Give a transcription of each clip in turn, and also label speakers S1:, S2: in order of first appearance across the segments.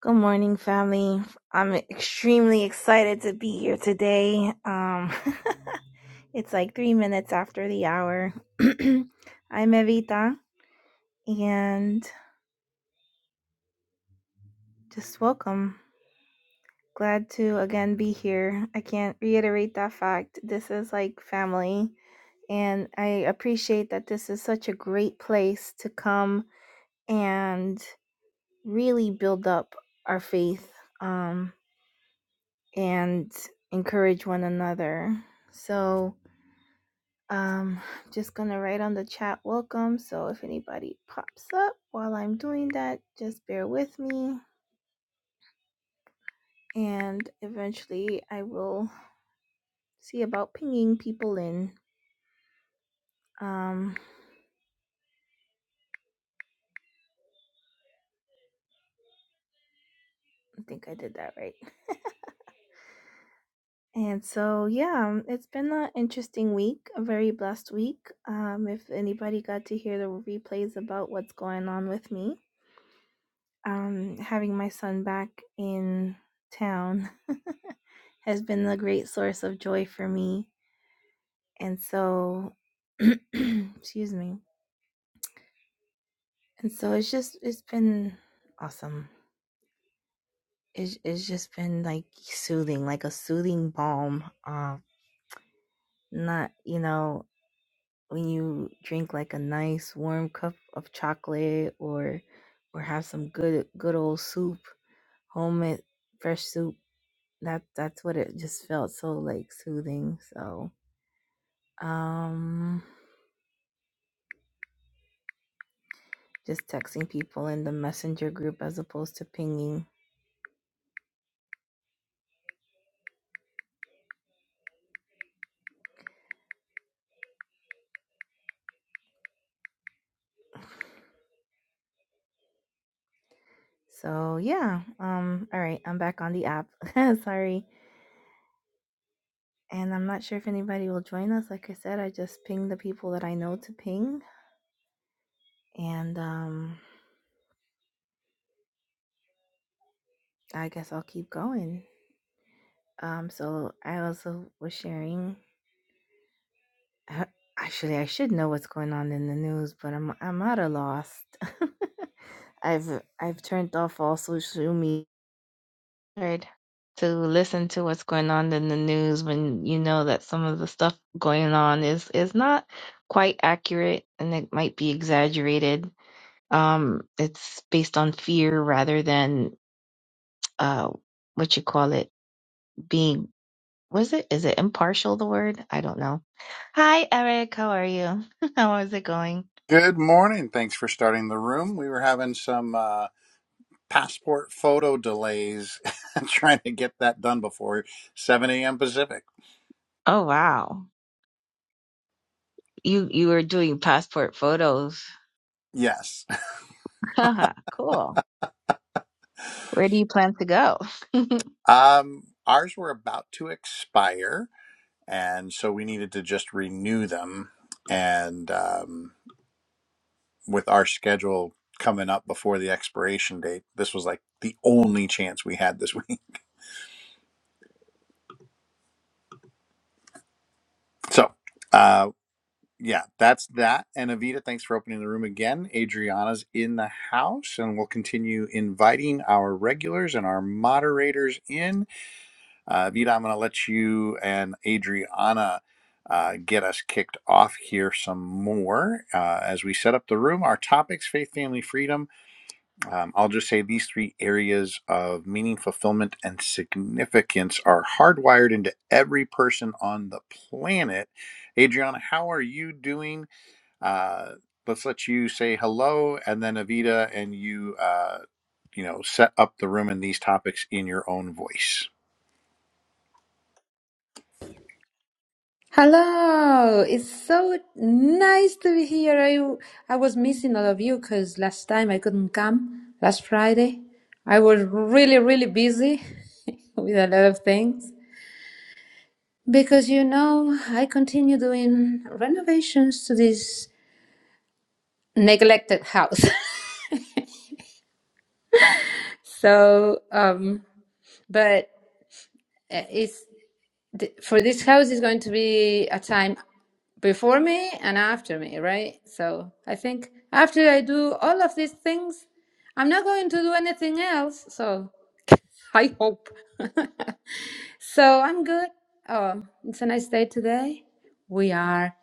S1: Good morning, family. I'm extremely excited to be here today. Um, it's like three minutes after the hour. I'm Evita, and just welcome. Glad to again be here. I can't reiterate that fact. This is like family, and I appreciate that this is such a great place to come and really build up our faith um, and encourage one another. So, Um, just gonna write on the chat welcome. So if anybody pops up while I'm doing that, just bear with me. And eventually I will see about pinging people in. Um, I think I did that right. And so, yeah, um, it's been an interesting week, a very blessed week. Um, if anybody got to hear the replays about what's going on with me, um, having my son back in town has been a great source of joy for me. and so excuse me and so it's just it's been awesome it's, it's just been like soothing like a soothing balm uh not you know when you drink like a nice warm cup of chocolate or or have some good good old soup homemade fresh soup that that's what it just felt so like soothing so um just texting people in the messenger group as opposed to pinging So yeah, um, all right, I'm back on the app. Sorry, and I'm not sure if anybody will join us. Like I said, I just ping the people that I know to ping, and um, I guess I'll keep going. Um, so I also was sharing. uh, Actually, I should know what's going on in the news, but I'm I'm at a loss. I've I've turned off all social media. hard to listen to what's going on in the news when you know that some of the stuff going on is is not quite accurate and it might be exaggerated. Um, it's based on fear rather than uh, what you call it being. Was it? Is it impartial? The word? I don't know. Hi, Eric. How are you? How is it going?
S2: Good morning. Thanks for starting the room. We were having some uh, passport photo delays, trying to get that done before 7 a.m. Pacific.
S1: Oh wow, you you were doing passport photos.
S2: Yes.
S1: cool. Where do you plan to go?
S2: Um, ours were about to expire, and so we needed to just renew them. And um, with our schedule coming up before the expiration date, this was like the only chance we had this week. So. uh, yeah, that's that. And Avita, thanks for opening the room again. Adriana's in the house, and we'll continue inviting our regulars and our moderators in. Uh, Avita, I'm going to let you and Adriana uh, get us kicked off here some more uh, as we set up the room. Our topics faith, family, freedom. Um, I'll just say these three areas of meaning, fulfillment, and significance are hardwired into every person on the planet. Adriana, how are you doing? Uh, let's let you say hello, and then Avita and you, uh, you know, set up the room and these topics in your own voice.
S3: Hello, it's so nice to be here. I I was missing all of you because last time I couldn't come last Friday. I was really really busy with a lot of things because you know I continue doing renovations to this neglected house. so, um, but eh, it's th- for this house is going to be a time before me and after me, right? So I think after I do all of these things, I'm not going to do anything else. So I hope. so I'm good. Oh, it's a nice day today. We are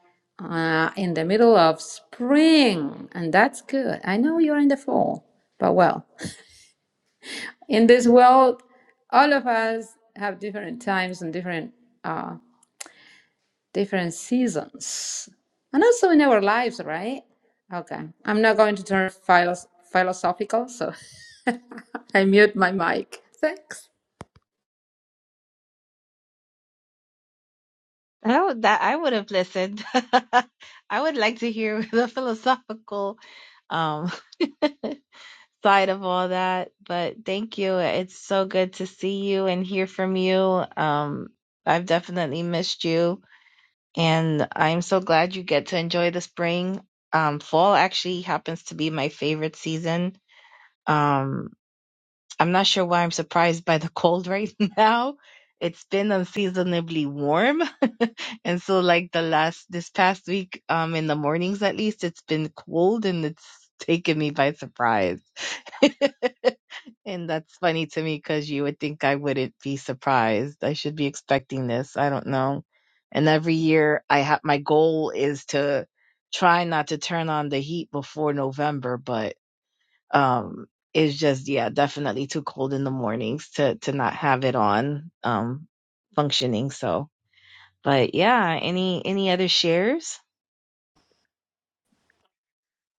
S3: uh, in the middle of spring, and that's good. I know you're in the fall, but well, in this world, all of us have different times and different. uh, different seasons and also in our lives right okay i'm not going to turn philos- philosophical so i mute my mic thanks
S1: Oh, that I would have listened. I would like to hear the philosophical um side of all that, but thank you. It's so good to see you and hear from you. Um I've definitely missed you and I'm so glad you get to enjoy the spring. Um fall actually happens to be my favorite season. Um I'm not sure why I'm surprised by the cold right now. It's been unseasonably warm. and so like the last this past week, um in the mornings at least, it's been cold and it's taken me by surprise. and that's funny to me because you would think I wouldn't be surprised. I should be expecting this. I don't know. And every year I have my goal is to try not to turn on the heat before November, but um it's just yeah definitely too cold in the mornings to to not have it on um functioning so but yeah any any other shares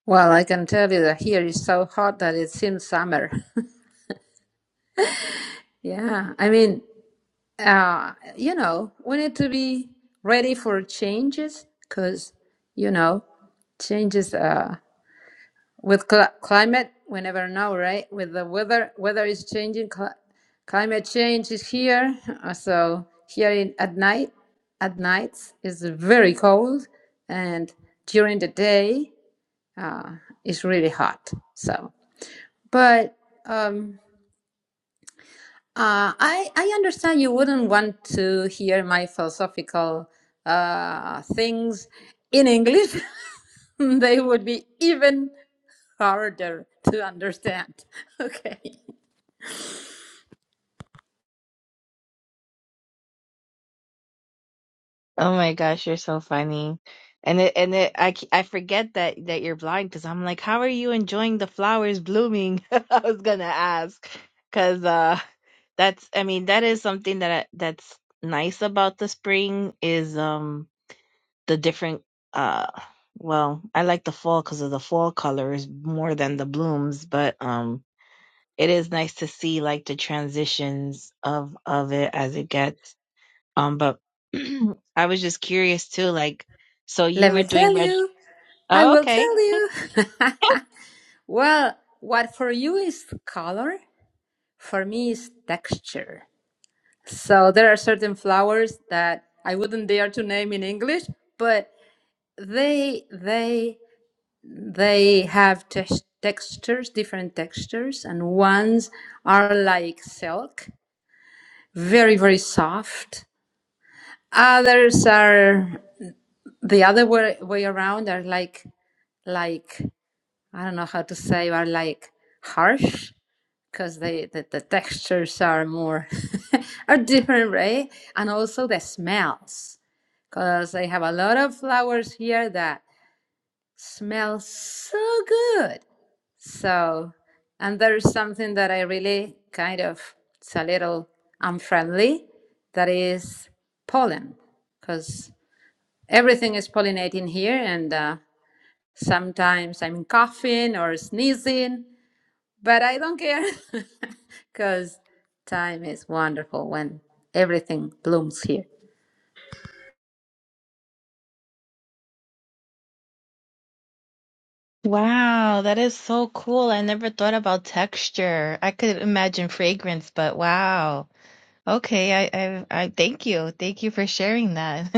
S3: well i can tell you that here is so hot that it seems summer yeah i mean uh you know we need to be ready for changes because you know changes Uh, With cl- climate, we never know, right? With the weather, weather is changing. Cl- climate change is here. Uh, So here in, at night, at nights is very cold, and during the day, uh, it's really hot. So, but um, uh, I I understand you wouldn't want to hear my philosophical uh, things in English. they would be even harder to understand. Okay.
S1: oh my gosh you're so funny and it and it i c- I forget that that you're blind because i'm like how are you enjoying the flowers blooming i was gonna ask because uh that's i mean that is something that I, that's nice about the spring is um the different uh well i like the fall because of the fall colors more than the blooms but um it is nice to see like the transitions of of it as it gets um but i was just curious too like so you
S3: Let me
S1: were doing
S3: tell
S1: veg
S3: you. I
S1: oh,
S3: will
S1: okay
S3: tell you. well, what for you is color, for me is texture. So there are certain flowers that I wouldn't dare to name in English, but they they they have tex- textures, different textures, and ones are like silk, very very soft. Others are the other way, way around are like like i don't know how to say are like harsh because they the, the textures are more are different right and also the smells because i have a lot of flowers here that smell so good so and there's something that i really kind of it's a little unfriendly that is pollen because everything is pollinating here and uh, Sometimes I'm coughing or sneezing, but I don't care because time is wonderful when everything blooms here.
S1: Wow, that is so cool. I never thought about texture. I could imagine fragrance, but wow. Okay, I, I I thank you. Thank you for sharing that.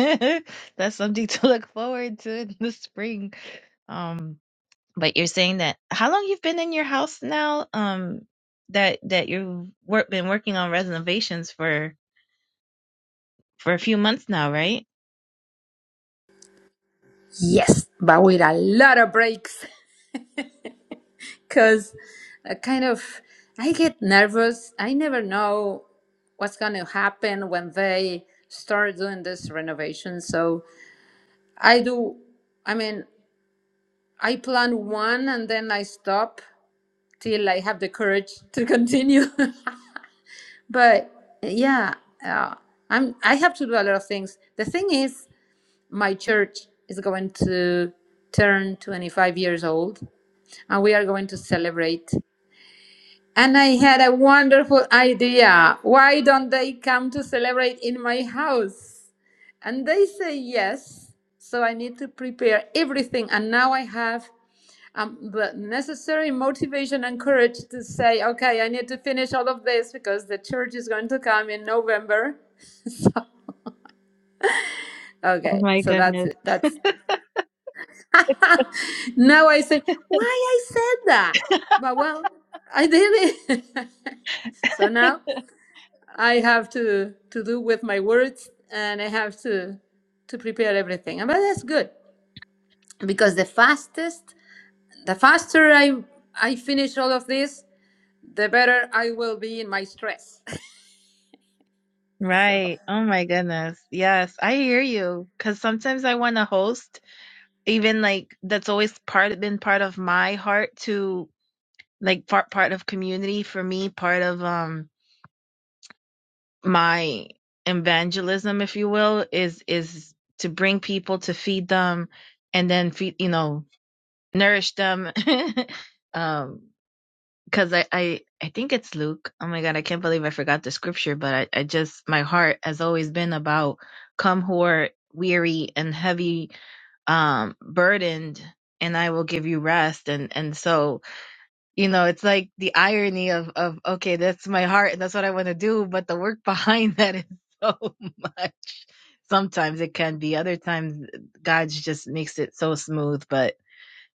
S1: That's something to look forward to in the spring. Um, but you're saying that how long you've been in your house now? Um, that that you've work, been working on renovations for for a few months now, right?
S3: Yes, but with a lot of breaks because I kind of I get nervous. I never know what's going to happen when they start doing this renovation. So I do, I mean, I plan one and then I stop till I have the courage to continue. But yeah, uh, I'm. I have to do a lot of things. The thing is, my church is going to turn 25 years old, and we are going to celebrate. And I had a wonderful idea. Why don't they come to celebrate in my house? And they say yes. So I need to prepare everything. And now I have um, the necessary motivation and courage to say, okay, I need to finish all of this because the church is going to come in November. so,
S1: Oh
S3: okay,
S1: my
S3: so that's
S1: goodness.
S3: it. That's now I say, why I said that? But well, I did it. so now I have to to do with my words, and I have to to prepare everything. And but that's good because the fastest, the faster I I finish all of this, the better I will be in my stress. So
S1: Right. Oh my goodness. Yes, I hear you. Because sometimes I want to host, even like that's always part been part of my heart to like part part of community for me, part of um. my evangelism, if you will, is is to bring people to feed them and then feed you know nourish them. um, because I, I I think it's Luke. Oh my God, I can't believe I forgot the scripture, but I, I just my heart has always been about come who are weary and heavy um burdened and I will give you rest and and so you know it's like the irony of of okay that's my heart and that's what i want to do but the work behind that is so much sometimes it can be other times god just makes it so smooth but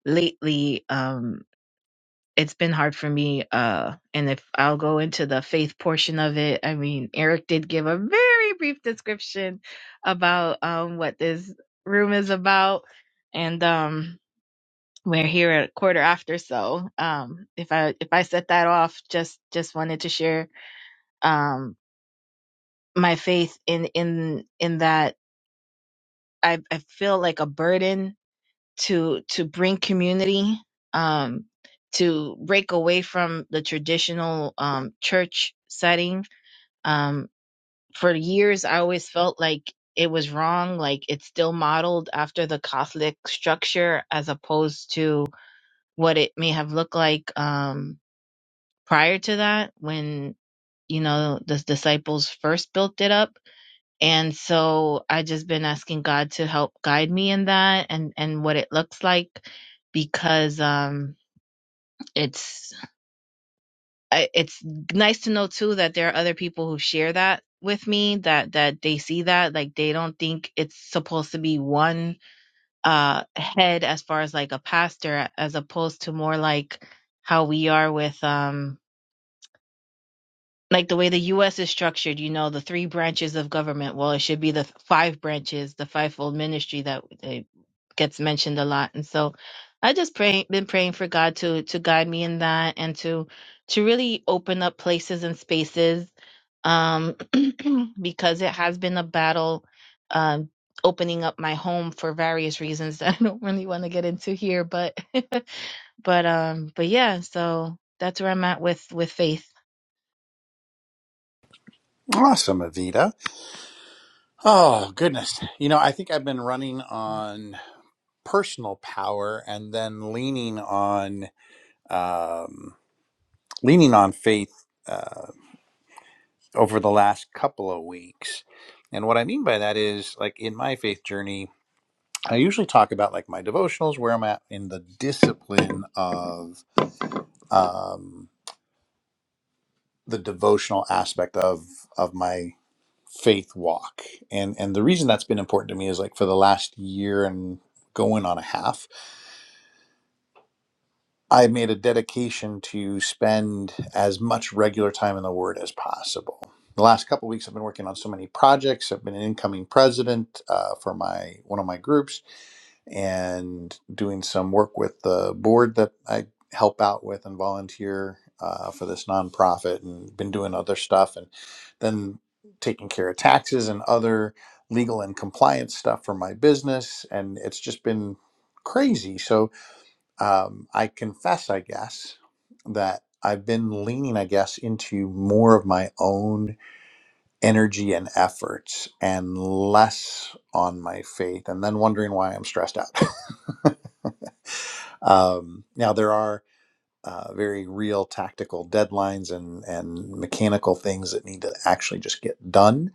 S1: lately um it's been hard for me uh and if i'll go into the faith portion of it i mean eric did give a very brief description about um what this room is about and um we're here at a quarter after so um if i if i set that off just just wanted to share um my faith in in in that i i feel like a burden to to bring community um to break away from the traditional um church setting um for years i always felt like it was wrong like it's still modeled after the catholic structure as opposed to what it may have looked like um prior to that when you know the disciples first built it up and so i just been asking god to help guide me in that and and what it looks like because um it's I- it's nice to know too that there are other people who share that with me that that they see that like they don't think it's supposed to be one uh head as far as like a pastor as opposed to more like how we are with um like the way the U.S. is structured, you know, the three branches of government. Well, it should be the five branches, the fivefold ministry that uh, gets mentioned a lot. And so, I just pray, been praying for God to to guide me in that and to to really open up places and spaces, um, because it has been a battle, um, opening up my home for various reasons that I don't really want to get into here. But but um but yeah, so that's where I'm at with with faith.
S2: Awesome, Avita. Oh, goodness. You know, I think I've been running on personal power and then leaning on um, leaning on faith uh, over the last couple of weeks. And what I mean by that is like in my faith journey, I usually talk about like my devotionals, where I'm at in the discipline of um, the devotional aspect of of my faith walk and and the reason that's been important to me is like for the last year and going on a half I made a dedication to spend as much regular time in the Word as possible. The last couple of weeks, I've been working on so many projects. I've been an incoming president uh, for my one of my groups, and doing some work with the board that I help out with and volunteer uh, for this nonprofit, and been doing other stuff, and then taking care of taxes and other legal and compliance stuff for my business. And it's just been crazy. So um, I confess, I guess, that I've been leaning, I guess, into more of my own energy and efforts and less on my faith, and then wondering why I'm stressed out. um, now, there are uh, very real tactical deadlines and, and mechanical things that need to actually just get done.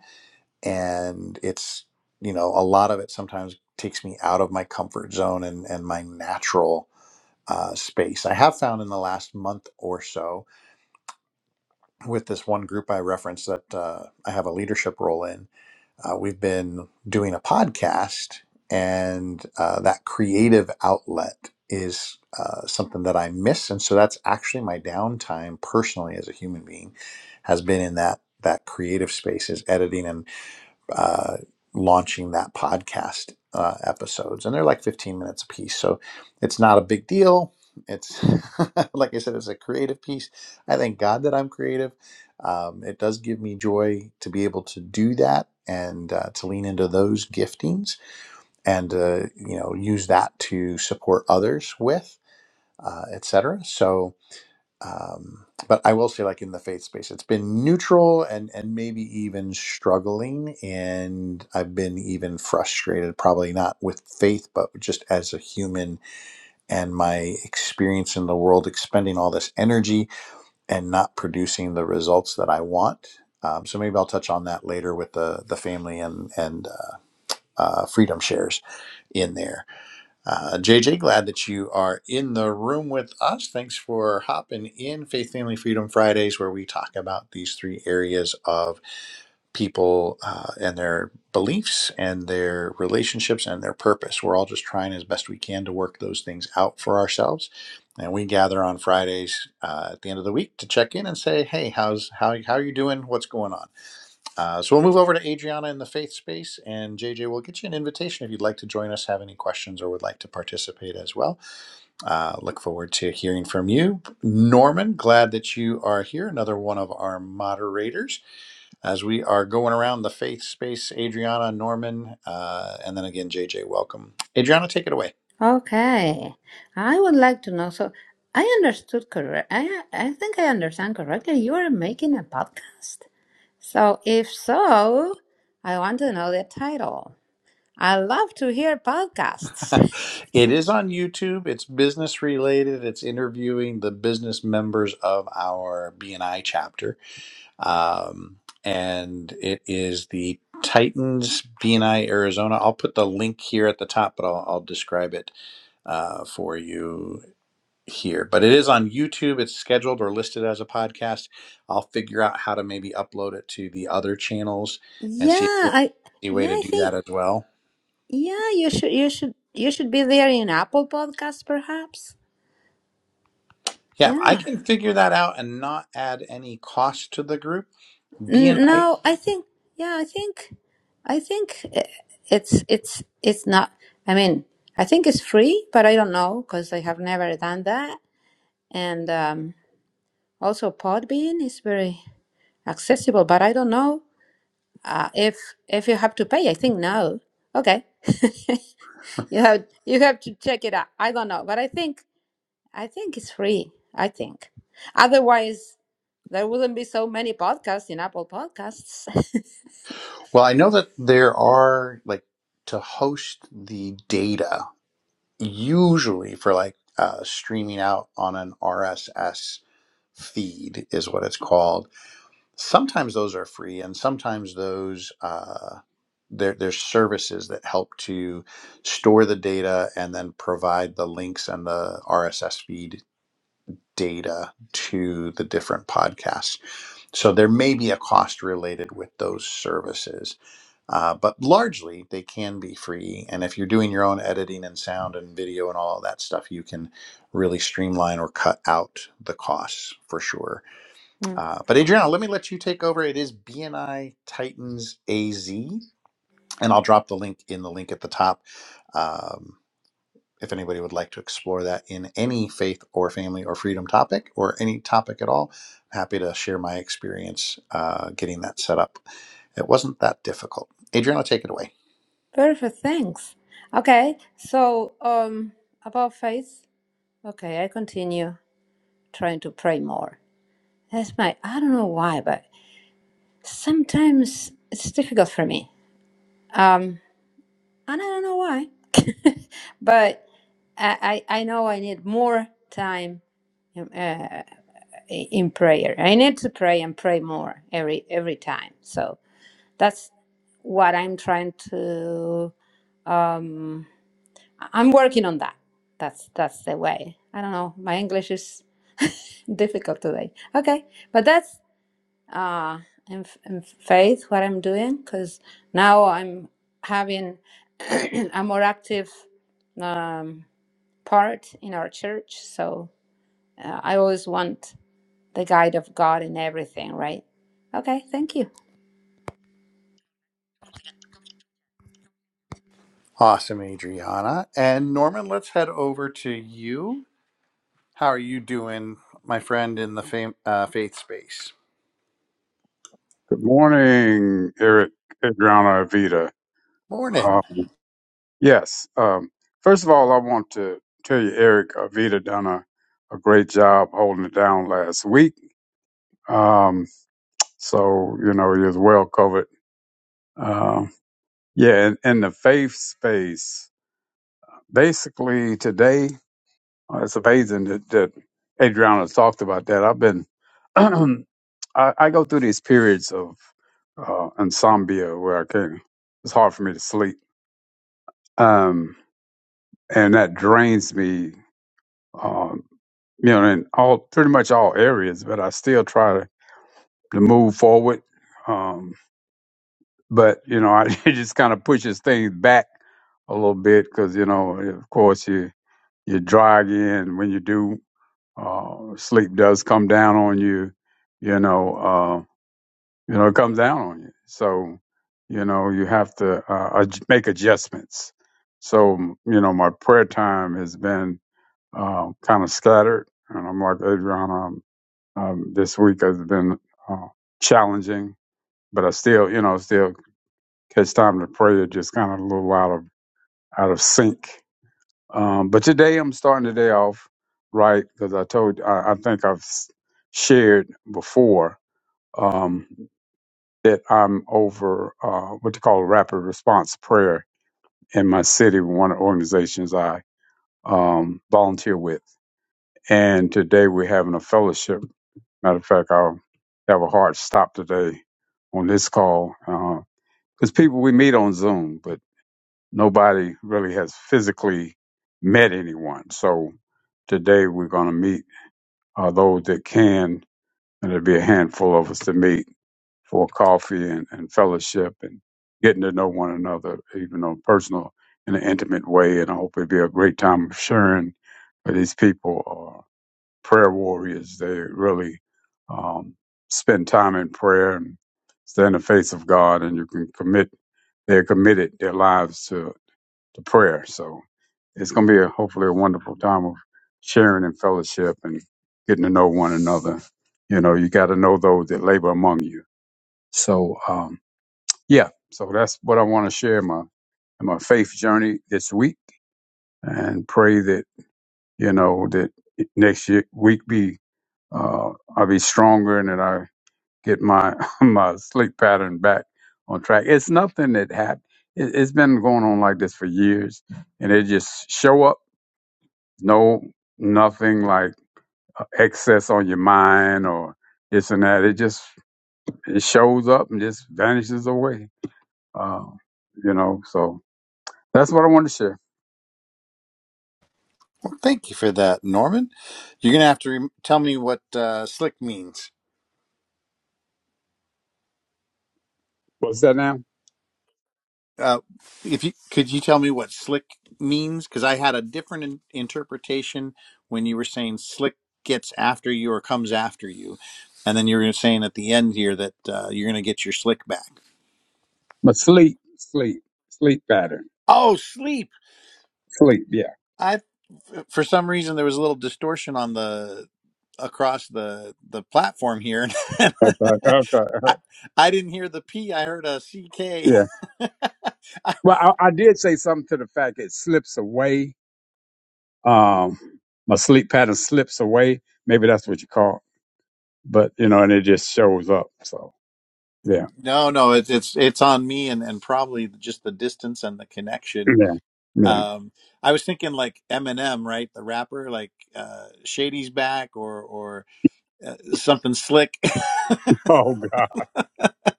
S2: And it's, you know, a lot of it sometimes takes me out of my comfort zone and, and my natural uh, space. I have found in the last month or so with this one group I referenced that uh, I have a leadership role in, uh, we've been doing a podcast, and uh, that creative outlet is uh, something that I miss. And so that's actually my downtime personally as a human being has been in that that creative space is editing and uh, launching that podcast uh, episodes, and they're like 15 minutes a piece. So it's not a big deal. It's like I said, it's a creative piece. I thank God that I'm creative. Um, it does give me joy to be able to do that and uh, to lean into those giftings and uh, you know use that to support others with, uh, etc. So um, but I will say, like in the faith space, it's been neutral and and maybe even struggling, and I've been even frustrated. Probably not with faith, but just as a human and my experience in the world, expending all this energy and not producing the results that I want. Um, so maybe I'll touch on that later with the the family and and uh, uh, freedom shares in there uh, JJ, glad that you are in the room with us. Thanks for hopping in Faith, Family, Freedom Fridays, where we talk about these three areas of people uh, and their beliefs and their relationships and their purpose. We're all just trying as best we can to work those things out for ourselves. And we gather on Fridays uh, at the end of the week to check in and say, "Hey, how's how how are you doing? What's going on?" Uh, so we'll move over to Adriana in the faith space, and JJ will get you an invitation if you'd like to join us, have any questions, or would like to participate as well. Uh, look forward to hearing from you. Norman, glad that you are here, another one of our moderators. As we are going around the faith space, Adriana, Norman, uh, and then again, JJ, welcome. Adriana, take it away.
S3: Okay, I would like to know. So I understood correct. I I think I understand correctly. You are making a podcast. So if so, I want to know the title. I love to hear podcasts.
S2: it is on YouTube. It's business related. It's interviewing the business members of our BNI chapter um, and it is the Titans BNI Arizona. I'll put the link here at the top, but I'll, I'll describe it uh, for you here. But it is on YouTube. It's scheduled or listed as a podcast. I'll figure out how to maybe upload it to the other channels and see if
S3: Yeah,
S2: there's
S3: I
S2: any way
S3: yeah,
S2: to
S3: I
S2: do that
S3: think
S2: as well.
S3: yeah, you should you should you should be there in Apple Podcasts perhaps.
S2: Yeah, if I
S3: Yeah.
S2: can figure that out and not add any cost to the group,
S3: N-
S2: BNI.
S3: No, I think yeah, I think I think i- it's it's it's not. I mean, I think it's free, but I don't know because I have never done that. And um, also, Podbean is very accessible, but I don't know uh, if if you have to pay. I think no. Okay, you have you have to check it out. I don't know, but I think I think it's free. I think otherwise there wouldn't be so many podcasts in Apple Podcasts.
S2: Well, I know that there are like to host the data usually for like uh, streaming out on an RSS feed is what it's called. Sometimes those are free, and sometimes those uh, there there's services that help to store the data and then provide the links and the RSS feed data to the different podcasts. So there may be a cost related with those services uh, but largely, they can be free. And if you're doing your own editing and sound and video and all that stuff, you can really streamline or cut out the costs for sure. Uh, but Adriana, let me let you take over. It is BNI Titans AZ, and I'll drop the link in the link at the top. Um, if anybody would like to explore that in any faith or family or freedom topic or any topic at all, I'm happy to share my experience uh, getting that set up. It wasn't that difficult. Adriana, take it away.
S3: Perfect, thanks. Okay, so um about faith. Okay, I continue trying to pray more. That's my I don't know why, but sometimes it's difficult for me. Um and I don't know why. but I, I I know I need more time in, uh, in prayer. I need to pray and pray more every every time. So that's what I'm trying to um I'm working on that. That's that's the way. I don't know. My English is difficult today. Okay, but that's uh, in, in faith what I'm doing because now I'm having a more active um, part in our church. So uh, I always want the guide of God in everything. Right? Okay. Thank you.
S2: Awesome, Adriana. And Norman, let's head over to you. How are you doing, my friend, in the fam- uh, faith space?
S4: Good morning, Eric Adriana Avita.
S2: Morning.
S4: Uh, yes, um, first of all, I want to tell you, Eric Avita done a, a great job holding it down last week. Um, so, you know, he was well covered. Uh, yeah, in, in the faith space, basically today, uh, it's amazing that, that Adriana talked about that. I've been, I, I go through these periods of uh, insomnia where I can't, it's hard for me to sleep um, and that drains me, um, you know, in all pretty much all areas. But I still try to, to move forward. Um, but you know, I, it just kind of pushes things back a little bit because you know, of course, you you dry again when you do. Uh, sleep does come down on you. You know, uh, you know, it comes down on you. So, you know, you have to uh, adj- make adjustments. So, you know, my prayer time has been um, kind of scattered. And I'm like Adrian, um, um, this week has been uh, challenging, but I still, you know, still catch time to pray. It just kind of a little out of out of sync. Um, but today I'm starting the day off right because I told I, I think I've s- shared before um, that I'm over uh, what they call rapid response prayer in my city, one of the organizations I um, volunteer with. And today we're having a fellowship Matter of fact, I'll have a hard stop today on this call because people we meet on Zoom, but nobody really has physically met anyone. So today we're going to meet uh, those that can, and there'll be a handful of us to meet for coffee and, and fellowship and getting to know one another, even on personal in an intimate way. And I hope it'll be a great time of sharing with these people prayer warriors. They really um, spend time in prayer and stay in the face of God, and you can commit. They're committed their lives to to prayer. So it's going to be a, hopefully a wonderful time of sharing and fellowship and getting to know one another. You know, you got to know those that labor among you. So um, yeah, so that's what I want to share my my faith journey this week, and pray that you know that next year week be uh, I'll be stronger and then I get my my sleep pattern back on track. It's nothing that happened. It, it's been going on like this for years, and it just show up. No, nothing like uh, excess on your mind or this and that. It just it shows up and just vanishes away. Uh, you know, so that's what I want to share.
S2: Well, thank you for that, Norman. You're gonna have to rem tell me what uh, slick means.
S4: What's that now?
S2: Uh, if you could, you tell me what slick means because I had a different in- interpretation when you were saying slick gets after you or comes after you, and then you were saying at the end here that uh, you're gonna get your slick back.
S4: My sleep, sleep, sleep pattern,
S2: Oh, sleep.
S4: sleep. Yeah.
S2: for some reason there was a little distortion on the across the the platform here.
S4: Okay. Okay.
S2: I, I didn't hear the P. I heard a C K.
S4: Yeah. Well, I, I did say something to the fact it slips away. Um, my sleep pattern slips away. Maybe that's what you call it. But, you know, and it just shows up. So, yeah.
S2: No, no, it's it's it's on me and and probably just the distance and the connection.
S4: Yeah. Yeah.
S2: Um, I was thinking like Eminem, right, the rapper, like uh, Shady's back or or uh, something slick.
S4: Oh,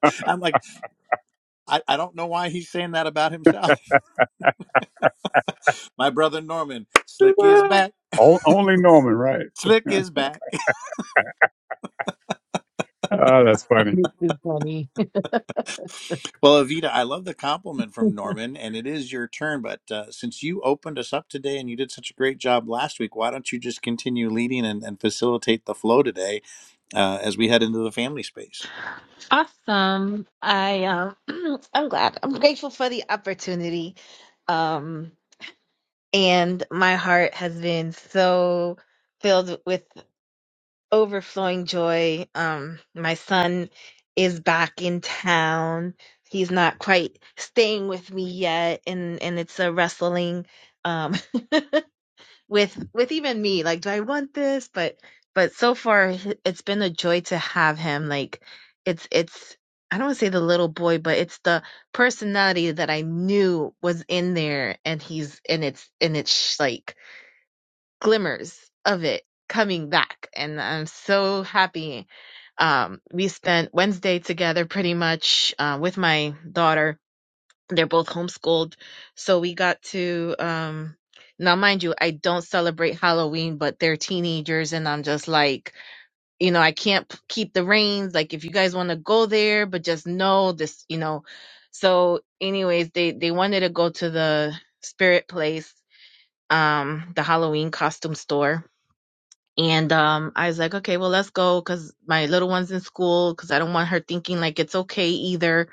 S4: God.
S2: I'm like, I, I don't know why he's saying that about himself. My brother Norman, slick is back,
S4: O- Only Norman, right?
S2: slick is back.
S4: Oh, that's funny.
S2: Well, Evita, I love the compliment from Norman, and it is your turn. But uh, since you opened us up today and you did such a great job last week, why don't you just continue leading and, and facilitate the flow today uh, as we head into the family space?
S1: Awesome. I um I'm glad. I'm grateful for the opportunity. Um and my heart has been so filled with overflowing joy. Um my son is back in town. He's not quite staying with me yet and and it's a wrestling um with with even me like do i want this but but so far h- it's been a joy to have him like it's it's i don't want to say the little boy but it's the personality that i knew was in there and he's and it's and it's sh- like glimmers of it coming back and i'm so happy um we spent wednesday together pretty much uh, with my daughter they're both homeschooled so we got to um now mind you i don't celebrate halloween but they're teenagers and i'm just like you know i can't p- keep the reins like if you guys want to go there but just know this you know so anyways they they wanted to go to the spirit place um the halloween costume store and um i was like okay well let's go because my little one's in school because i don't want her thinking like it's okay either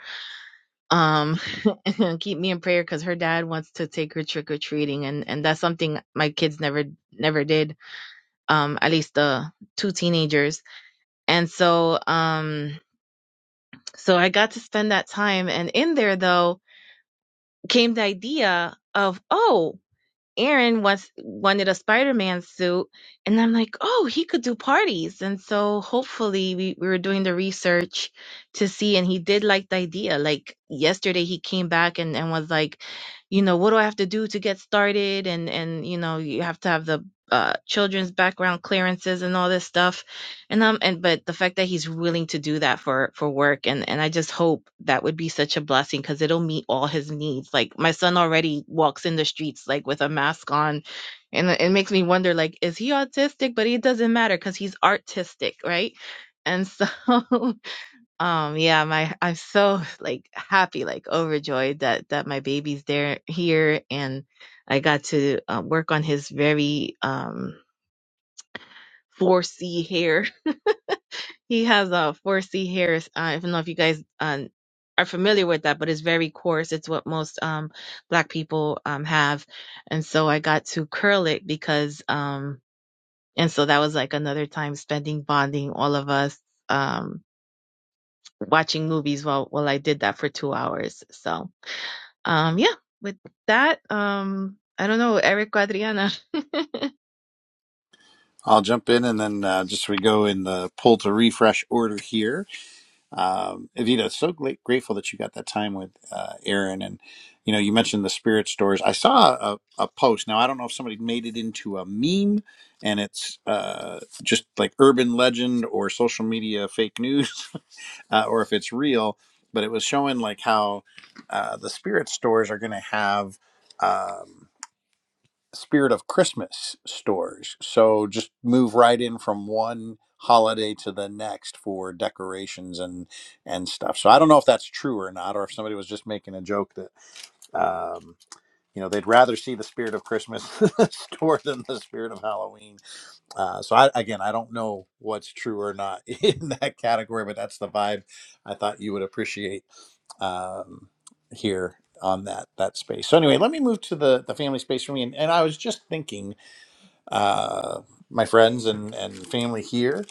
S1: um and keep me in prayer because her dad wants to take her trick-or-treating and and that's something my kids never never did um at least the two teenagers and so um so i got to spend that time and in there though came the idea of oh Aaron once wanted a Spider-Man suit, and I'm like, oh, he could do parties. And so hopefully we, we were doing the research to see, and he did like the idea. Like yesterday he came back and, and was like, you know, what do I have to do to get started? And and you know, you have to have the uh, children's background clearances and all this stuff and um and but the fact that he's willing to do that for for work and and I just hope that would be such a blessing cuz it'll meet all his needs. Like my son already walks in the streets like with a mask on and it makes me wonder like is he autistic but it doesn't matter cuz he's artistic, right? And so um yeah, my I'm so like happy like overjoyed that that my baby's there here and I got to uh, work on his very um 4C hair he has a uh, four C hairs. Uh, I don't know if you guys um, are familiar with that, but it's very coarse. It's what most um, black people um, have, and so I got to curl it because, um, and so that was like another time spending bonding all of us um, watching movies while while I did that for two hours. So um, yeah, with that, um, I don't know, Eric Adriana.
S2: I'll jump in and then uh, just we go in the pull to refresh order here. um, Evita, so gla- grateful that you got that time with uh, Aaron. And, you know, you mentioned the spirit stores. I saw a, a post. Now, I don't know if somebody made it into a meme and it's uh, just like urban legend or social media fake news uh, or if it's real, but it was showing like how uh, the spirit stores are going to have. Um, spirit of Christmas stores. So just move right in from one holiday to the next for decorations and and stuff. So I don't know if that's true or not, or if somebody was just making a joke that um, you know they'd rather see the spirit of Christmas store than the spirit of Halloween. Uh, so I, again, I don't know what's true or not in that category, but that's the vibe I thought you would appreciate um, here on that that space. So anyway, let me move to the the family space for me. And, and I was just thinking uh, my friends and, and family here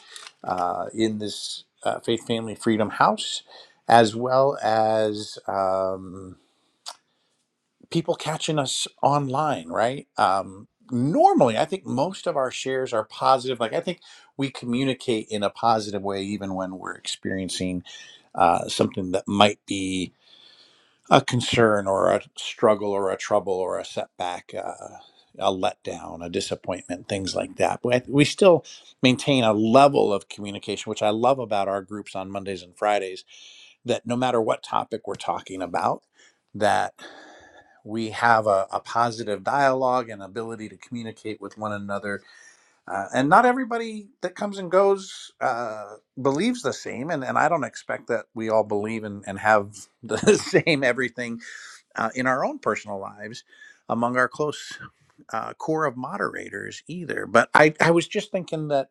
S2: uh, in this uh, Faith Family Freedom House, as well as um, people catching us online, right? Um, normally, I think most of our shares are positive. Like, I think we communicate in a positive way, even when we're experiencing uh, something that might be a concern or a struggle or a trouble or a setback, uh, a letdown, a disappointment, things like that. But we still maintain a level of communication, which I love about our groups on Mondays and Fridays, that no matter what topic we're talking about, that we have a, a positive dialogue and ability to communicate with one another. Uh, and not everybody that comes and goes uh, believes the same. And, and I don't expect that we all believe and, and have the same everything uh, in our own personal lives among our close uh, core of moderators either. But I, I was just thinking that,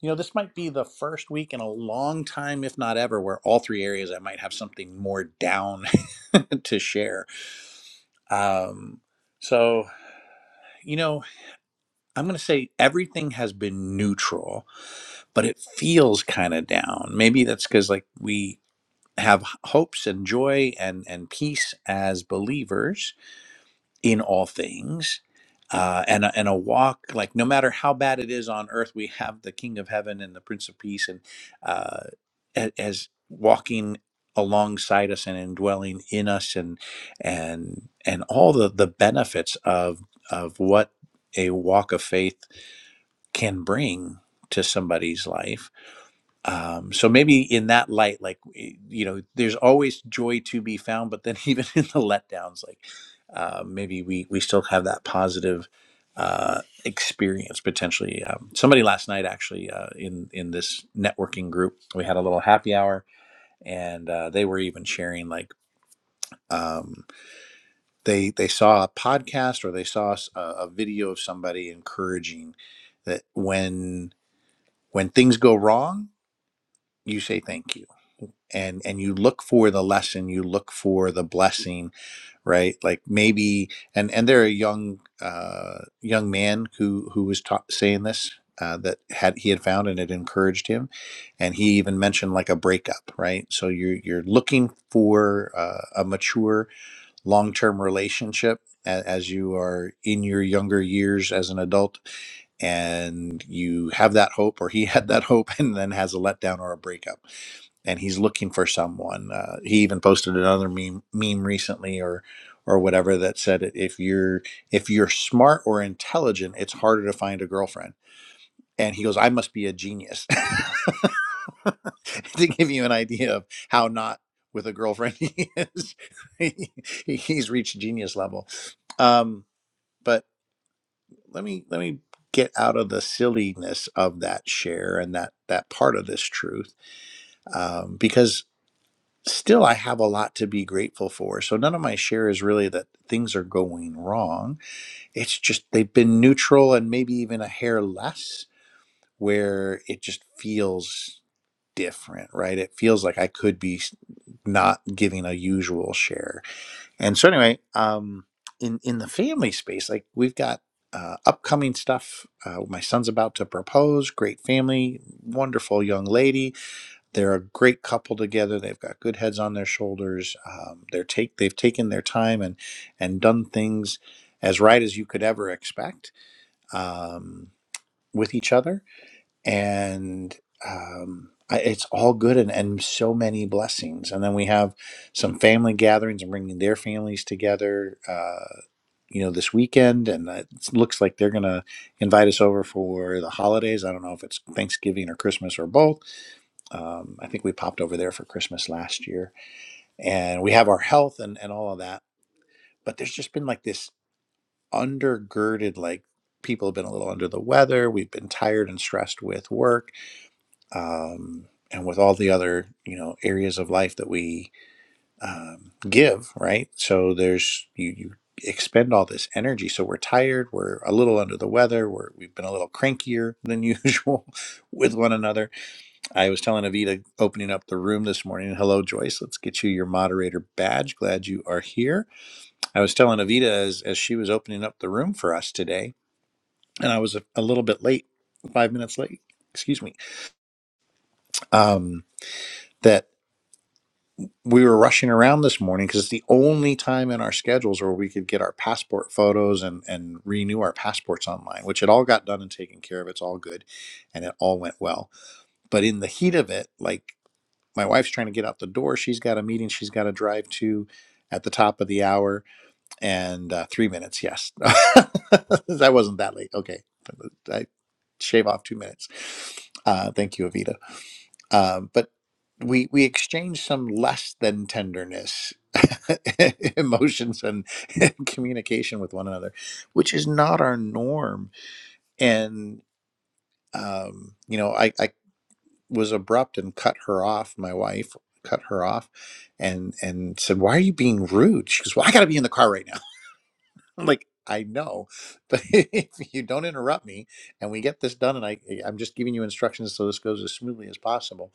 S2: you know, this might be the first week in a long time, if not ever, where all three areas I might have something more down to share. Um, so, you know, I'm going to say everything has been neutral, but it feels kind of down. Maybe that's because, like, we have hopes and joy and, and peace as believers in all things uh, and, a, and a walk like no matter how bad it is on earth we have the king of heaven and the prince of peace and uh, a- as walking alongside us and indwelling in us and and and all the the benefits of of what a walk of faith can bring to somebody's life um, so maybe in that light like you know there's always joy to be found but then even in the letdowns like uh, maybe we we still have that positive uh, experience potentially um, somebody last night actually uh, in in this networking group we had a little happy hour and uh, they were even sharing like um, they they saw a podcast or they saw s- a, a video of somebody encouraging that when when things go wrong you say thank you and and you look for the lesson you look for the blessing right like maybe and and there a young uh young man who who was ta- saying this uh, that had he had found and it encouraged him and he even mentioned like a breakup right so you're you're looking for uh, a mature long-term relationship a- as you are in your younger years as an adult and you have that hope or he had that hope and then has a letdown or a breakup and he's looking for someone. Uh, he even posted another meme meme recently, or or whatever that said if you're if you're smart or intelligent, it's harder to find a girlfriend. And he goes, I must be a genius to give you an idea of how not with a girlfriend he is. He- He's reached genius level. Um, but let me let me get out of the silliness of that share and that that part of this truth um, because still I have a lot to be grateful for. So none of my share is really that things are going wrong. It's just they've been neutral and maybe even a hair less where it just feels different, right? It feels like I could be s- not giving a usual share. And so anyway, um in in the family space, like we've got uh, upcoming stuff. Uh, my son's about to propose. Great family, wonderful young lady they're a great couple together. They've got good heads on their shoulders. Um, they're take they've taken their time and and done things as right as you could ever expect um, with each other. And um, I, it's all good and, and so many blessings. And then we have some family gatherings and bringing their families together. Uh, you know, this weekend, and it looks like they're going to invite us over for the holidays. I don't know if it's Thanksgiving or Christmas or both um, I think we popped over there for Christmas last year, and we have our health and, and all of that. But there's just been like this undergirded, like people have been a little under the weather. We've been tired and stressed with work, um, and with all the other you know areas of life that we um, give, right? So there's you you expend all this energy so we're tired we're a little under the weather we're, we've been a little crankier than usual with one another I was telling Avita opening up the room this morning. Hello, Joyce. Let's get you your moderator badge. Glad you are here. I was telling Avita as, as she was opening up the room for us today, and I was a, a little bit late, five minutes late, excuse me, um, that we were rushing around this morning because it's the only time in our schedules where we could get our passport photos and, and renew our passports online, which it all got done and taken care of. It's all good and it all went well. But in the heat of it, like my wife's trying to get out the door. She's got a meeting she's got to drive to at the top of the hour and uh, three minutes. Yes. that wasn't that late. Okay. I shave off two minutes. Uh, thank you, Avita. Um, but we, we exchange some less than tenderness emotions and communication with one another, which is not our norm. And, um, you know, I, I was abrupt and cut her off. My wife cut her off and and said, "Why are you being rude?" She goes, "Well, I got to be in the car right now." I'm like, "I know, but if you don't interrupt me and we get this done, and I I'm just giving you instructions so this goes as smoothly as possible.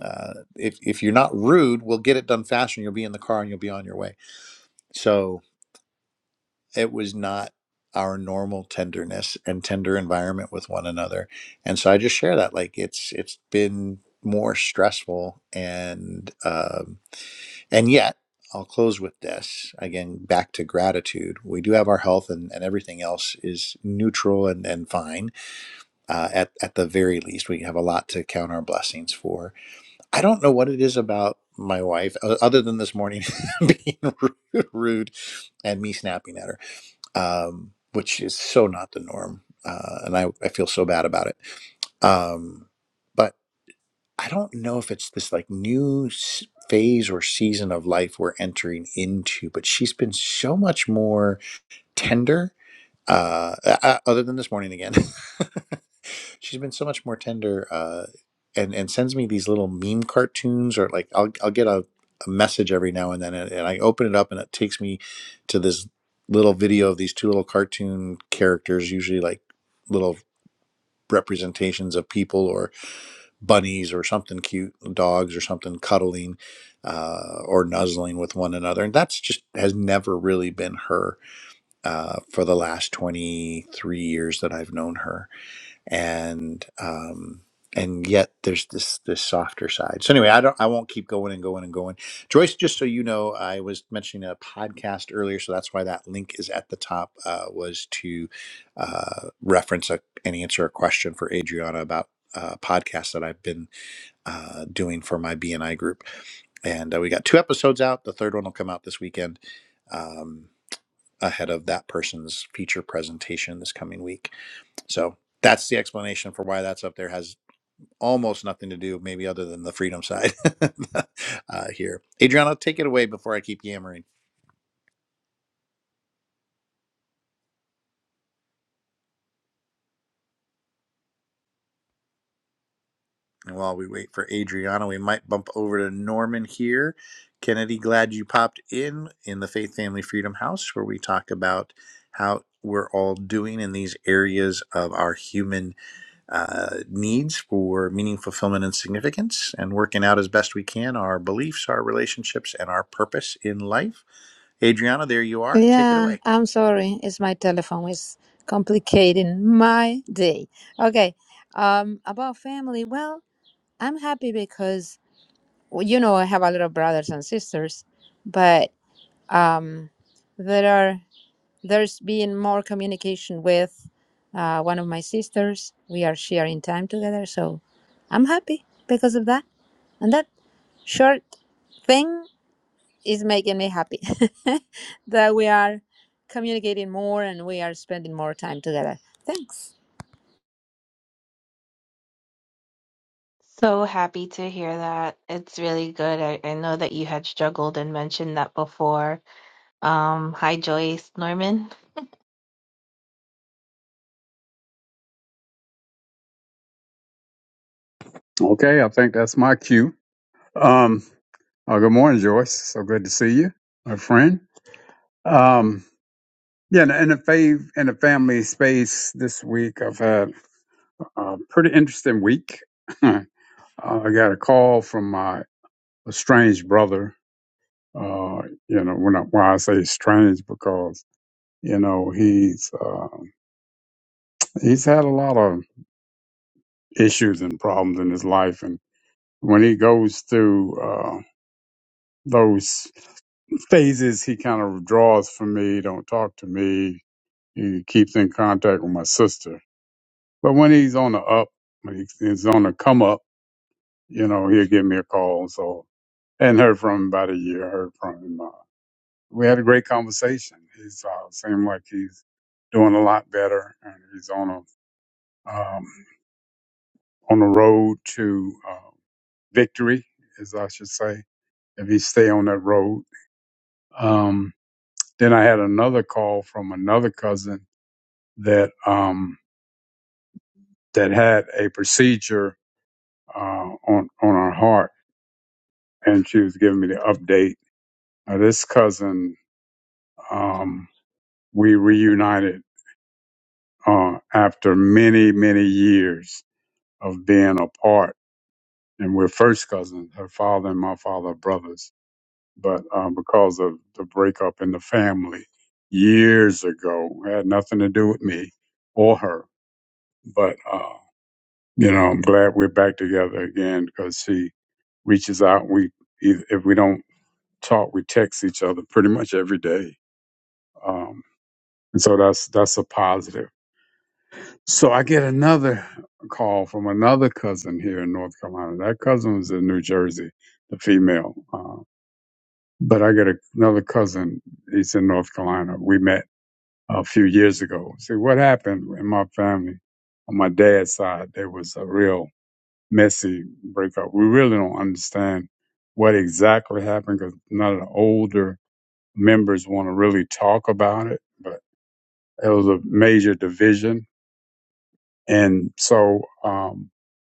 S2: Uh, if if you're not rude, we'll get it done faster. And you'll be in the car and you'll be on your way." So it was not our normal tenderness and tender environment with one another and so i just share that like it's it's been more stressful and um and yet i'll close with this again back to gratitude we do have our health and, and everything else is neutral and and fine uh, at at the very least we have a lot to count our blessings for i don't know what it is about my wife o- other than this morning being rude rude and me snapping at her um, which is so not the norm. Uh, and I, I feel so bad about it. Um, but I don't know if it's this like new s- phase or season of life we're entering into, but she's been so much more tender uh, uh, uh, other than this morning again. She's been so much more tender, uh, and and sends me these little meme cartoons, or like I'll I'll get a, a message every now and then, and, and I open it up, and it takes me to this little video of these two little cartoon characters, usually like little representations of people or bunnies or something cute, dogs or something cuddling uh, or nuzzling with one another, and that's just has never really been her uh, for the last 23 years that I've known her. And, um, and yet there's this, this softer side. So anyway, I don't, I won't keep going and going and going. Joyce, just so you know, I was mentioning a podcast earlier, so that's why that link is at the top, uh, was to, uh, reference a, and answer a question for Adriana about, uh, podcasts that I've been, uh, doing for my BNI group and uh, we got two episodes out. The third one will come out this weekend. Um, ahead of that person's feature presentation this coming week. So that's the explanation for why that's up there. Has almost nothing to do, maybe other than the freedom side uh, here. Adriana, take it away before I keep yammering. And while we wait for Adriana, we might bump over to Norman here. Kennedy, glad you popped in in the Faith Family Freedom House, where we talk about how we're all doing in these areas of our human uh, needs for meaning, fulfillment, and significance, and working out as best we can our beliefs, our relationships, and our purpose in life. Adriana, there you are. Take it
S3: Yeah,
S2: away.
S3: I'm sorry. It's my telephone. It's complicating my day. Okay. Um, about family. Well, I'm happy because well, you know I have a lot of brothers and sisters, but um, there are there's been more communication with uh, one of my sisters. We are sharing time together, so I'm happy because of that. And that short thing it's making me happy that we are communicating more and we are spending more time together. Thanks.
S1: So happy to hear that. It's really good. I, I know that you had struggled and mentioned that before. Um, hi Joyce, Norman.
S4: Okay. I think that's my cue. Um, oh, good morning, Joyce. So good to see you, my friend. Um, yeah, in the, in the fav in the family space this week, I've had a pretty interesting week. Uh, I got a call from my estranged brother. Uh, you know, when I, why I say strange because you know he's uh, he's had a lot of issues and problems in his life, and when he goes through uh, those phases, he kind of withdraws from me, don't talk to me. He keeps in contact with my sister, but when he's on the up, when he's he's on the come up, you know, he'll give me a call. So, and heard from him about a year. Heard from him. uh, we had a great conversation. He's uh, seemed like he's doing a lot better, and he's on a um, on the road to uh, victory, as I should say, if he stay on that road. Um, then I had another call from another cousin that um, that had a procedure uh, on on her heart, and she was giving me the update. Uh, this cousin, um, we reunited uh, after many many years of being apart. And we're first cousins. Her father and my father are brothers. But um, because of the breakup in the family years ago, it had nothing to do with me or her. But, uh, you know, I'm glad we're back together again because she reaches out. We, eith- if we don't talk, we text each other pretty much every day. Um, and so that's, that's a positive. So I get another call from another cousin here in North Carolina. That cousin was in New Jersey, the female. Uh, but I get a, another cousin. He's in North Carolina. We met a few years ago. See what happened in my family on my dad's side. There was a real messy breakup. We really don't understand what exactly happened because none of the older members want to really talk about it. But it was a major division, and so. Um,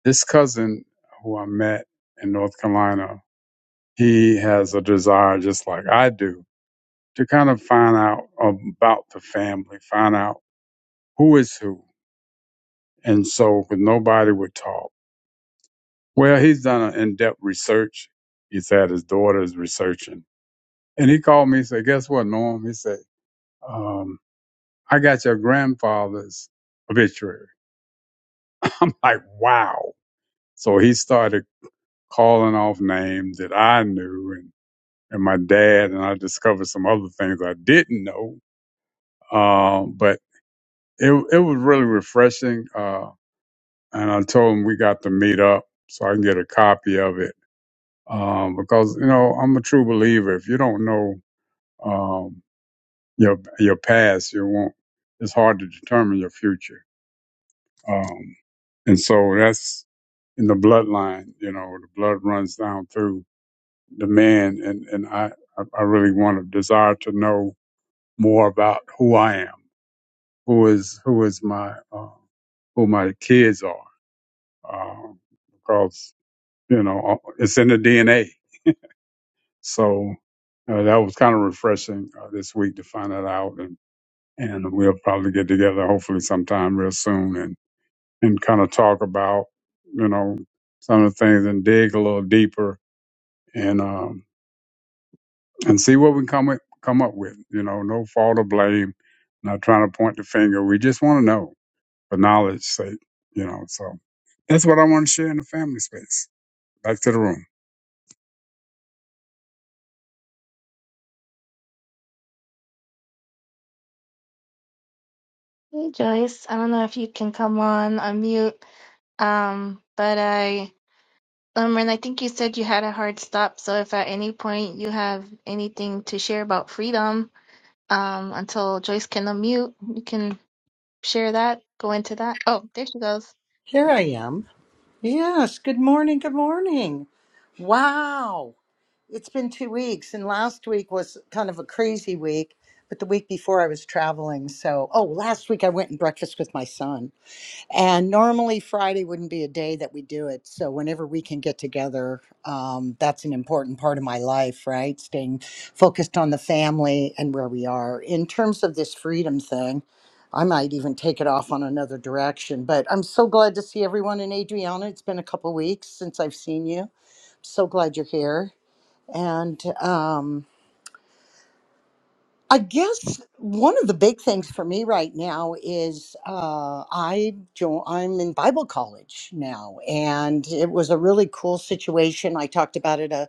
S4: This cousin who I met in North Carolina, he has a desire, just like I do, to kind of find out about the family, find out who is who. And so, but nobody would talk. Well, he's done an in depth research. He said his daughter is researching. And he called me and said, Guess what, Norm? He said, um, I got your grandfather's obituary. I'm like, Wow. So he started calling off names that I knew. and. and my dad, and I discovered some other things I didn't know. Um, but it it was really refreshing. Uh, and I told him we got to meet up so I can get a copy of it. Um, because you know I'm a true believer. If you don't know um, your your past, you won't. It's hard to determine your future. Um, and so that's in the bloodline. You know, the blood runs down through the man, and and I I I really want to desire to know more about who I am. who is who is my uh, who my kids are um, because you know uh, it's in the DNA. So uh, that was kind of refreshing uh, this week to find that out, and and we'll probably get together hopefully sometime real soon and and kind of talk about you know some of the things and dig a little deeper and um, and see what we come with, come up with. You know, no fault or blame. Not trying to point the finger. We just want to know. for knowledge sake, you know. So that's what I want to share in the family space. Back to the room.
S1: Hey Joyce, I don't know if you can come on unmute. Um, but I, Norman, I think you said you had a hard stop. So if at any point you have anything to share about freedom, um, until Joyce can unmute, you can share that. Go into that. Oh, there she goes.
S5: Here I am. Yes, good morning, good morning. Wow, it's been two weeks, and last week was kind of a crazy week, but the week before I was traveling. So, oh, last week I went and breakfast with my son. And normally Friday wouldn't be a day that we do it. So whenever we can get together, um, that's an important part of my life, right? Staying focused on the family and where we are. In terms of this freedom thing, I might even take it off on another direction. But I'm so glad to see everyone and Adriana. It's been a couple weeks since I've seen you. So glad you're here. And um, I guess one of the big things for me right now is uh, I jo- I'm in Bible college now, and it was a really cool situation. I talked about it a,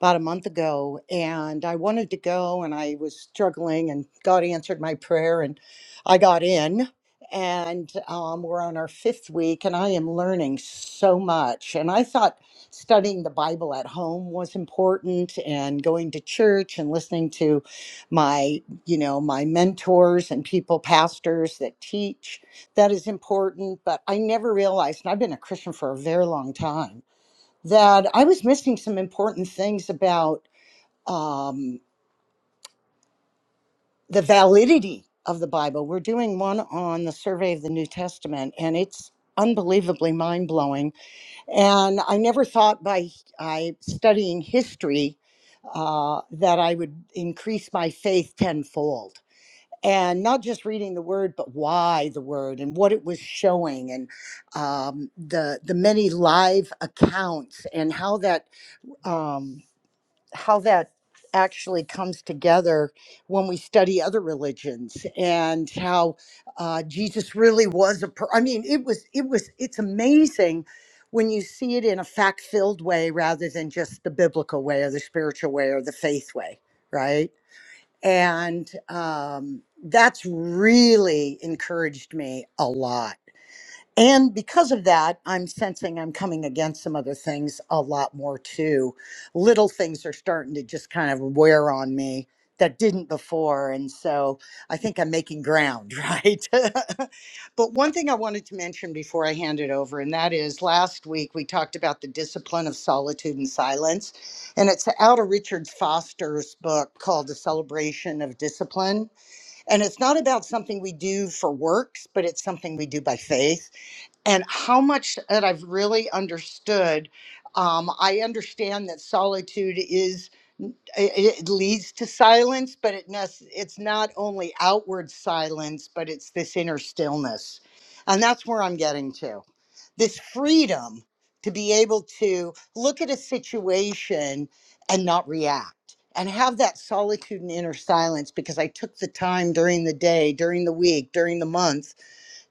S5: about a month ago, and I wanted to go, and I was struggling, and God answered my prayer, and I got in, and um, we're on our fifth week, and I am learning so much, and I thought studying the Bible at home was important, and going to church and listening to my you know, my mentors and people, pastors that teach. That is important. But I never realized, and I've been a Christian for a very long time, that I was missing some important things about um, the validity of the Bible. We're doing one on the survey of the New Testament, and it's unbelievably mind blowing. And I never thought by I, studying history uh, that I would increase my faith tenfold and not just reading the word, but why the word and what it was showing, and um, the the many live accounts and how that um, how that actually comes together when we study other religions and how uh, Jesus really was a. Per- I mean, it was it was it's amazing when you see it in a fact filled way rather than just the biblical way or the spiritual way or the faith way, right? and um, that's really encouraged me a lot and because of that, I'm sensing I'm coming against some other things a lot more too. Little things are starting to just kind of wear on me that didn't before. And so I think I'm making ground, right? but one thing I wanted to mention before I hand it over, and that is last week we talked about the discipline of solitude and silence. And it's out of Richard Foster's book called The Celebration of Discipline. And it's not about something we do for works, but it's something we do by faith and how much that I've really understood. Um, I understand that solitude is it, it leads to silence, but it nes- it's not only outward silence, but it's this inner stillness, and that's where I'm getting to this freedom to be able to look at a situation and not react. And have that solitude and inner silence because I took the time during the day, during the week, during the month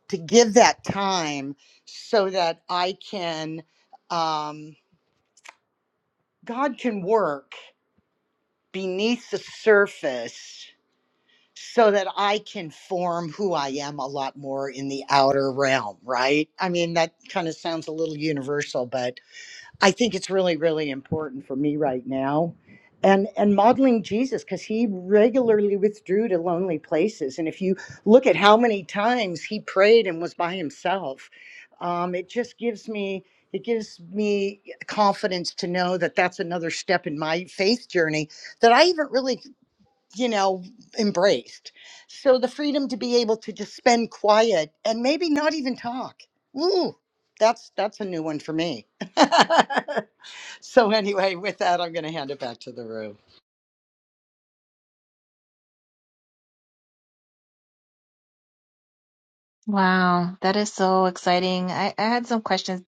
S5: to give that time so that I can, um, God can work beneath the surface so that I can form who I am a lot more in the outer realm, right? I mean, that kind of sounds a little universal, but I think it's really, really important for me right now. And and modeling Jesus, because he regularly withdrew to lonely places. And if you look at how many times he prayed and was by himself, um, it just gives me it gives me confidence to know that that's another step in my faith journey that I haven't really, you know, embraced. So the freedom to be able to just spend quiet and maybe not even talk. Ooh, that's that's a new one for me. So, anyway, with that, I'm going to hand it back to the room.
S1: Wow, that is so exciting. I, I had some questions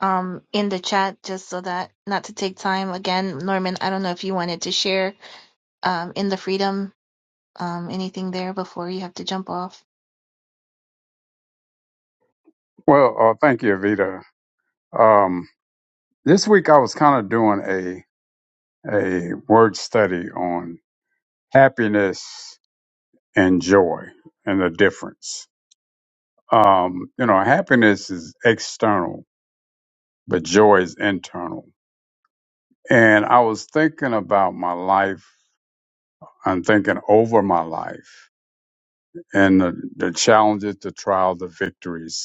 S1: um in the chat just so that not to take time again norman i don't know if you wanted to share um in the freedom Um, anything there before you have to jump off?
S4: Well, uh, thank you, Evita. Um, this week I was kind of doing a a word study on happiness and joy and the difference. Um, you know, happiness is external, but joy is internal. And I was thinking about my life. I'm thinking over my life and the, the challenges, the trials, the victories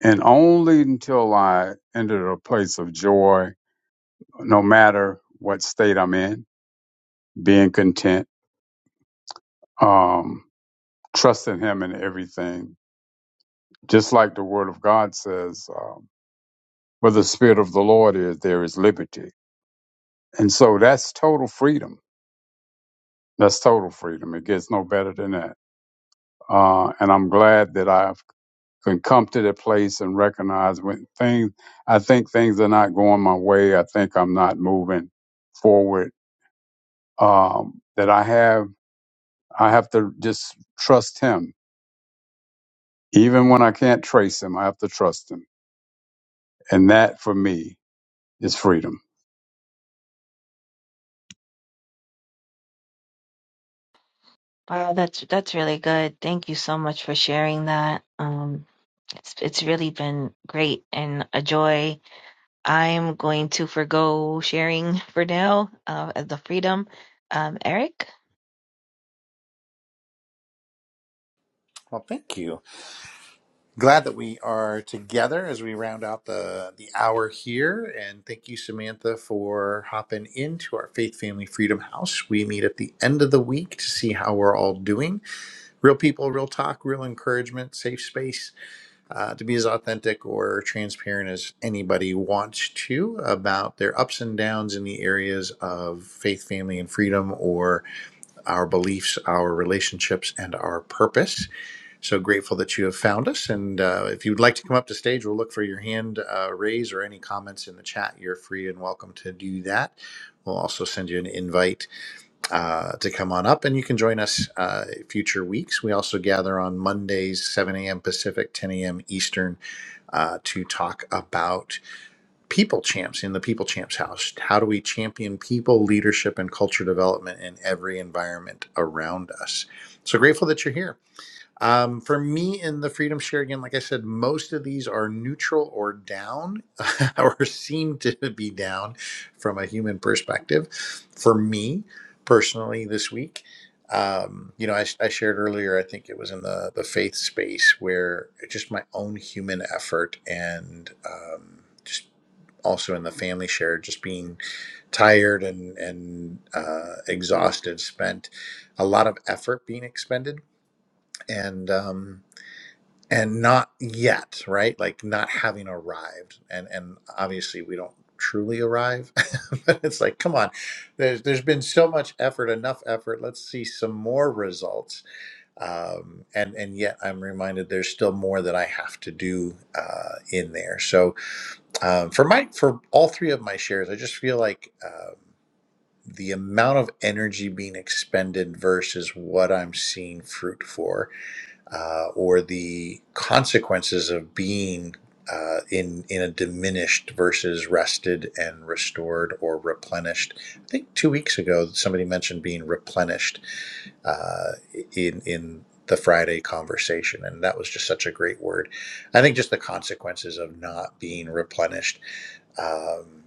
S4: And only until I entered a place of joy, no matter what state I'm in, being content, um, trusting Him in everything. Just like the Word of God says, um, where the Spirit of the Lord is, there is liberty. And so that's total freedom. That's total freedom. It gets no better than that. Uh, and I'm glad that I've can come to that place and recognize when things, I think things are not going my way. I think I'm not moving forward um, that I have. I have to just trust Him, even when I can't trace Him. I have to trust Him, and that for me is freedom.
S1: Wow, that's that's really good. Thank you so much for sharing that. Um, it's it's really been great and a joy. I'm going to forgo sharing for now, uh, as the freedom. Um, Eric?
S2: Well, thank you. Glad that we are together as we round out the, the hour here. And thank you, Samantha, for hopping into our Faith Family Freedom House. We meet at the end of the week to see how we're all doing. Real people, real talk, real encouragement, safe space uh, to be as authentic or transparent as anybody wants to about their ups and downs in the areas of faith, family, and freedom, or our beliefs, our relationships, and our purpose. So grateful that you have found us. And uh, if you'd like to come up to stage, we'll look for your hand uh, raise or any comments in the chat. You're free and welcome to do that. We'll also send you an invite uh, to come on up and you can join us uh, future weeks. We also gather on Mondays, 7 a.m. Pacific, 10 a.m. Eastern uh, to talk about people champs in the People Champs House. How do we champion people, leadership, and culture development in every environment around us? So grateful that you're here. Um, for me in the freedom share again, like I said, most of these are neutral or down, or seem to be down from a human perspective. For me personally, this week, um, you know, I, I shared earlier, I think it was in the the faith space where just my own human effort and um, just also in the family share, just being tired and and uh, exhausted, spent a lot of effort being expended and. Um, and not yet right like not having arrived and and obviously we don't truly arrive but it's like come on there's there's been so much effort enough effort let's see some more results um, and and yet i'm reminded there's still more that i have to do uh, in there so um, for my for all three of my shares i just feel like um, the amount of energy being expended versus what i'm seeing fruit for uh, or the consequences of being uh, in in a diminished versus rested and restored or replenished. I think two weeks ago somebody mentioned being replenished uh, in in the Friday conversation, and that was just such a great word. I think just the consequences of not being replenished. Um,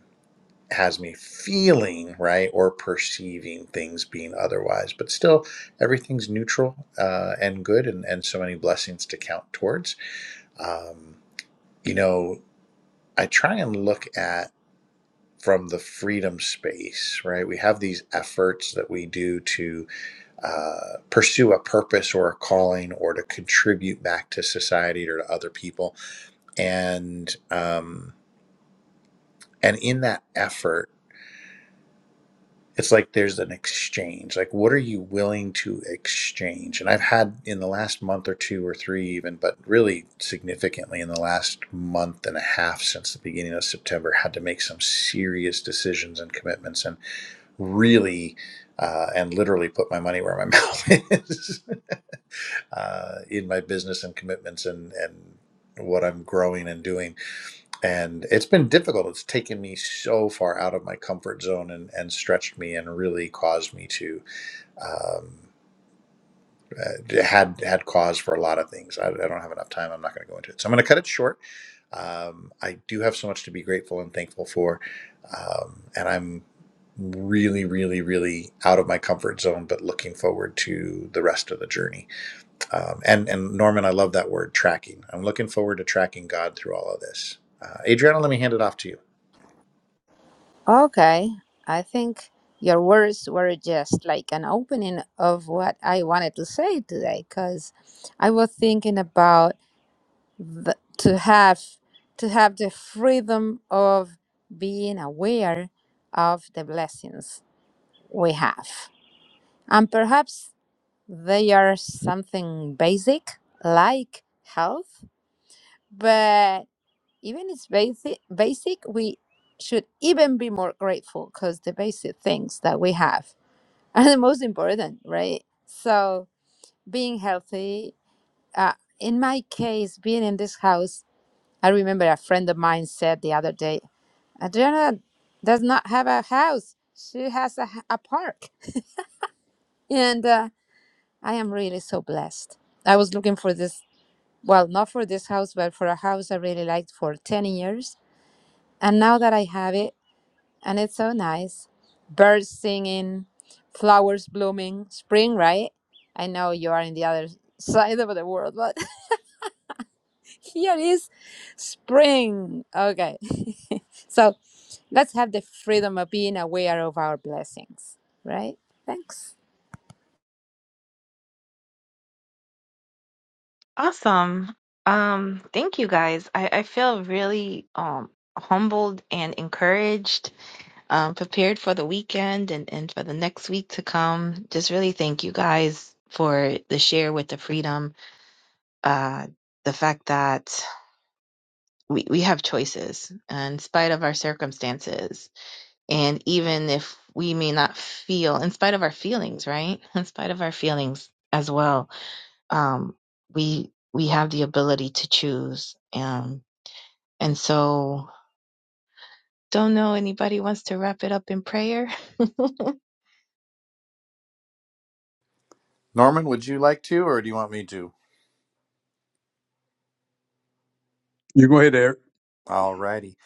S2: has me feeling right or perceiving things being otherwise but still everything's neutral uh, and good and, and so many blessings to count towards um, you know i try and look at from the freedom space right we have these efforts that we do to uh, pursue a purpose or a calling or to contribute back to society or to other people and um, and in that effort it's like there's an exchange like what are you willing to exchange and i've had in the last month or two or three even but really significantly in the last month and a half since the beginning of september had to make some serious decisions and commitments and really uh, and literally put my money where my mouth is uh, in my business and commitments and and what i'm growing and doing and it's been difficult it's taken me so far out of my comfort zone and, and stretched me and really caused me to um, uh, had had cause for a lot of things i, I don't have enough time i'm not going to go into it so i'm going to cut it short um, i do have so much to be grateful and thankful for um, and i'm really really really out of my comfort zone but looking forward to the rest of the journey um, and and norman i love that word tracking i'm looking forward to tracking god through all of this uh, adriana let me hand it off to you
S3: Okay, I think your words were just like an opening of what I wanted to say today because I was thinking about the, to have to have the freedom of being aware of the blessings we have. And perhaps they are something basic like health but even it's basic basic we should even be more grateful because the basic things that we have are the most important right so being healthy uh, in my case being in this house i remember a friend of mine said the other day adriana does not have a house she has a, h- a park and uh, i am really so blessed i was looking for this well not for this house but for a house i really liked for 10 years and now that i have it and it's so nice. Birds singing, flowers blooming, spring, right? I know you are in the other side of the world, but here is spring. Okay. so let's have the freedom of being aware of our blessings, right? Thanks.
S1: Awesome. Um, thank you guys. I, I feel really um humbled and encouraged, um, prepared for the weekend and, and for the next week to come. Just really thank you guys for the share with the freedom uh, the fact that we, we have choices uh, in spite of our circumstances. And even if we may not feel, in spite of our feelings, right? In spite of our feelings as well, um, we we have the ability to choose. Um, and so, don't know anybody wants to wrap it up in prayer.
S2: Norman, would you like to, or do you want me to?
S4: You go ahead, Eric.
S2: All righty.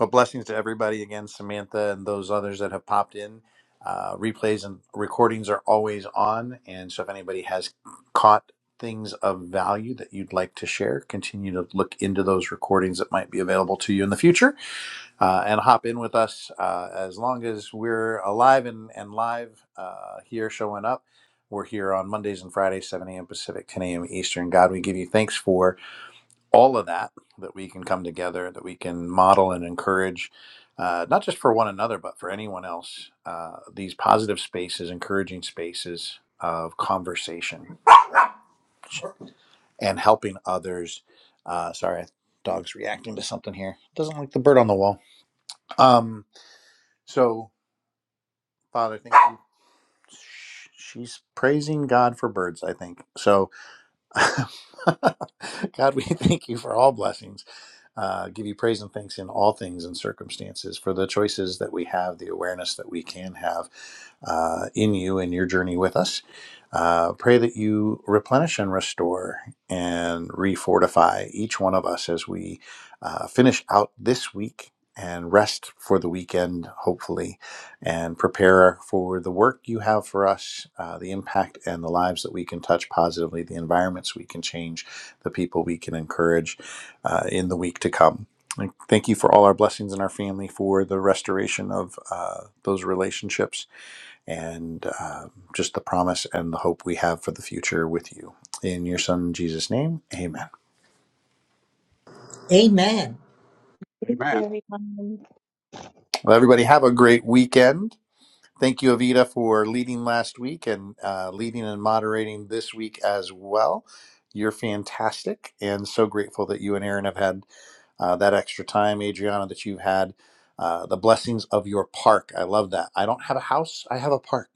S2: Well, blessings to everybody again, Samantha, and those others that have popped in. Uh, replays and recordings are always on, and so if anybody has caught things of value that you'd like to share, continue to look into those recordings that might be available to you in the future, uh, and hop in with us uh, as long as we're alive and and live uh, here, showing up. We're here on Mondays and Fridays, 7 a.m. Pacific, 10 a.m. Eastern. God, we give you thanks for all of that that we can come together that we can model and encourage uh, not just for one another but for anyone else uh, these positive spaces encouraging spaces of conversation and helping others uh, sorry dog's reacting to something here doesn't like the bird on the wall um, so father thank you she's praising god for birds i think so God, we thank you for all blessings. Uh, give you praise and thanks in all things and circumstances for the choices that we have, the awareness that we can have uh, in you and your journey with us. Uh, pray that you replenish and restore and refortify each one of us as we uh, finish out this week and rest for the weekend, hopefully and prepare for the work you have for us, uh, the impact and the lives that we can touch positively, the environments we can change, the people we can encourage uh, in the week to come. And Thank you for all our blessings in our family, for the restoration of uh, those relationships, and uh, just the promise and the hope we have for the future with you. In your son Jesus' name, amen.
S5: Amen.
S4: Amen.
S2: Well, everybody, have a great weekend. Thank you, Avita, for leading last week and uh, leading and moderating this week as well. You're fantastic, and so grateful that you and Aaron have had uh, that extra time, Adriana, that you've had uh, the blessings of your park. I love that. I don't have a house, I have a park.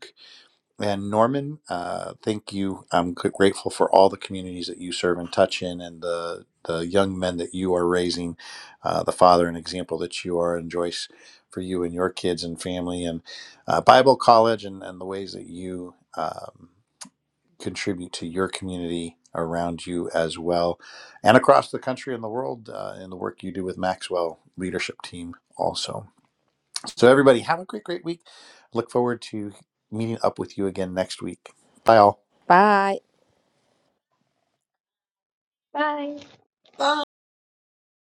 S2: And Norman, uh, thank you. I'm gr- grateful for all the communities that you serve and touch in, and the the young men that you are raising, uh, the father and example that you are, and Joyce, for you and your kids and family, and uh, Bible College, and and the ways that you um, contribute to your community around you as well, and across the country and the world, uh, in the work you do with Maxwell Leadership Team also. So, everybody, have a great, great week. Look forward to meeting up with you again next week. Bye, all.
S3: Bye.
S5: Bye.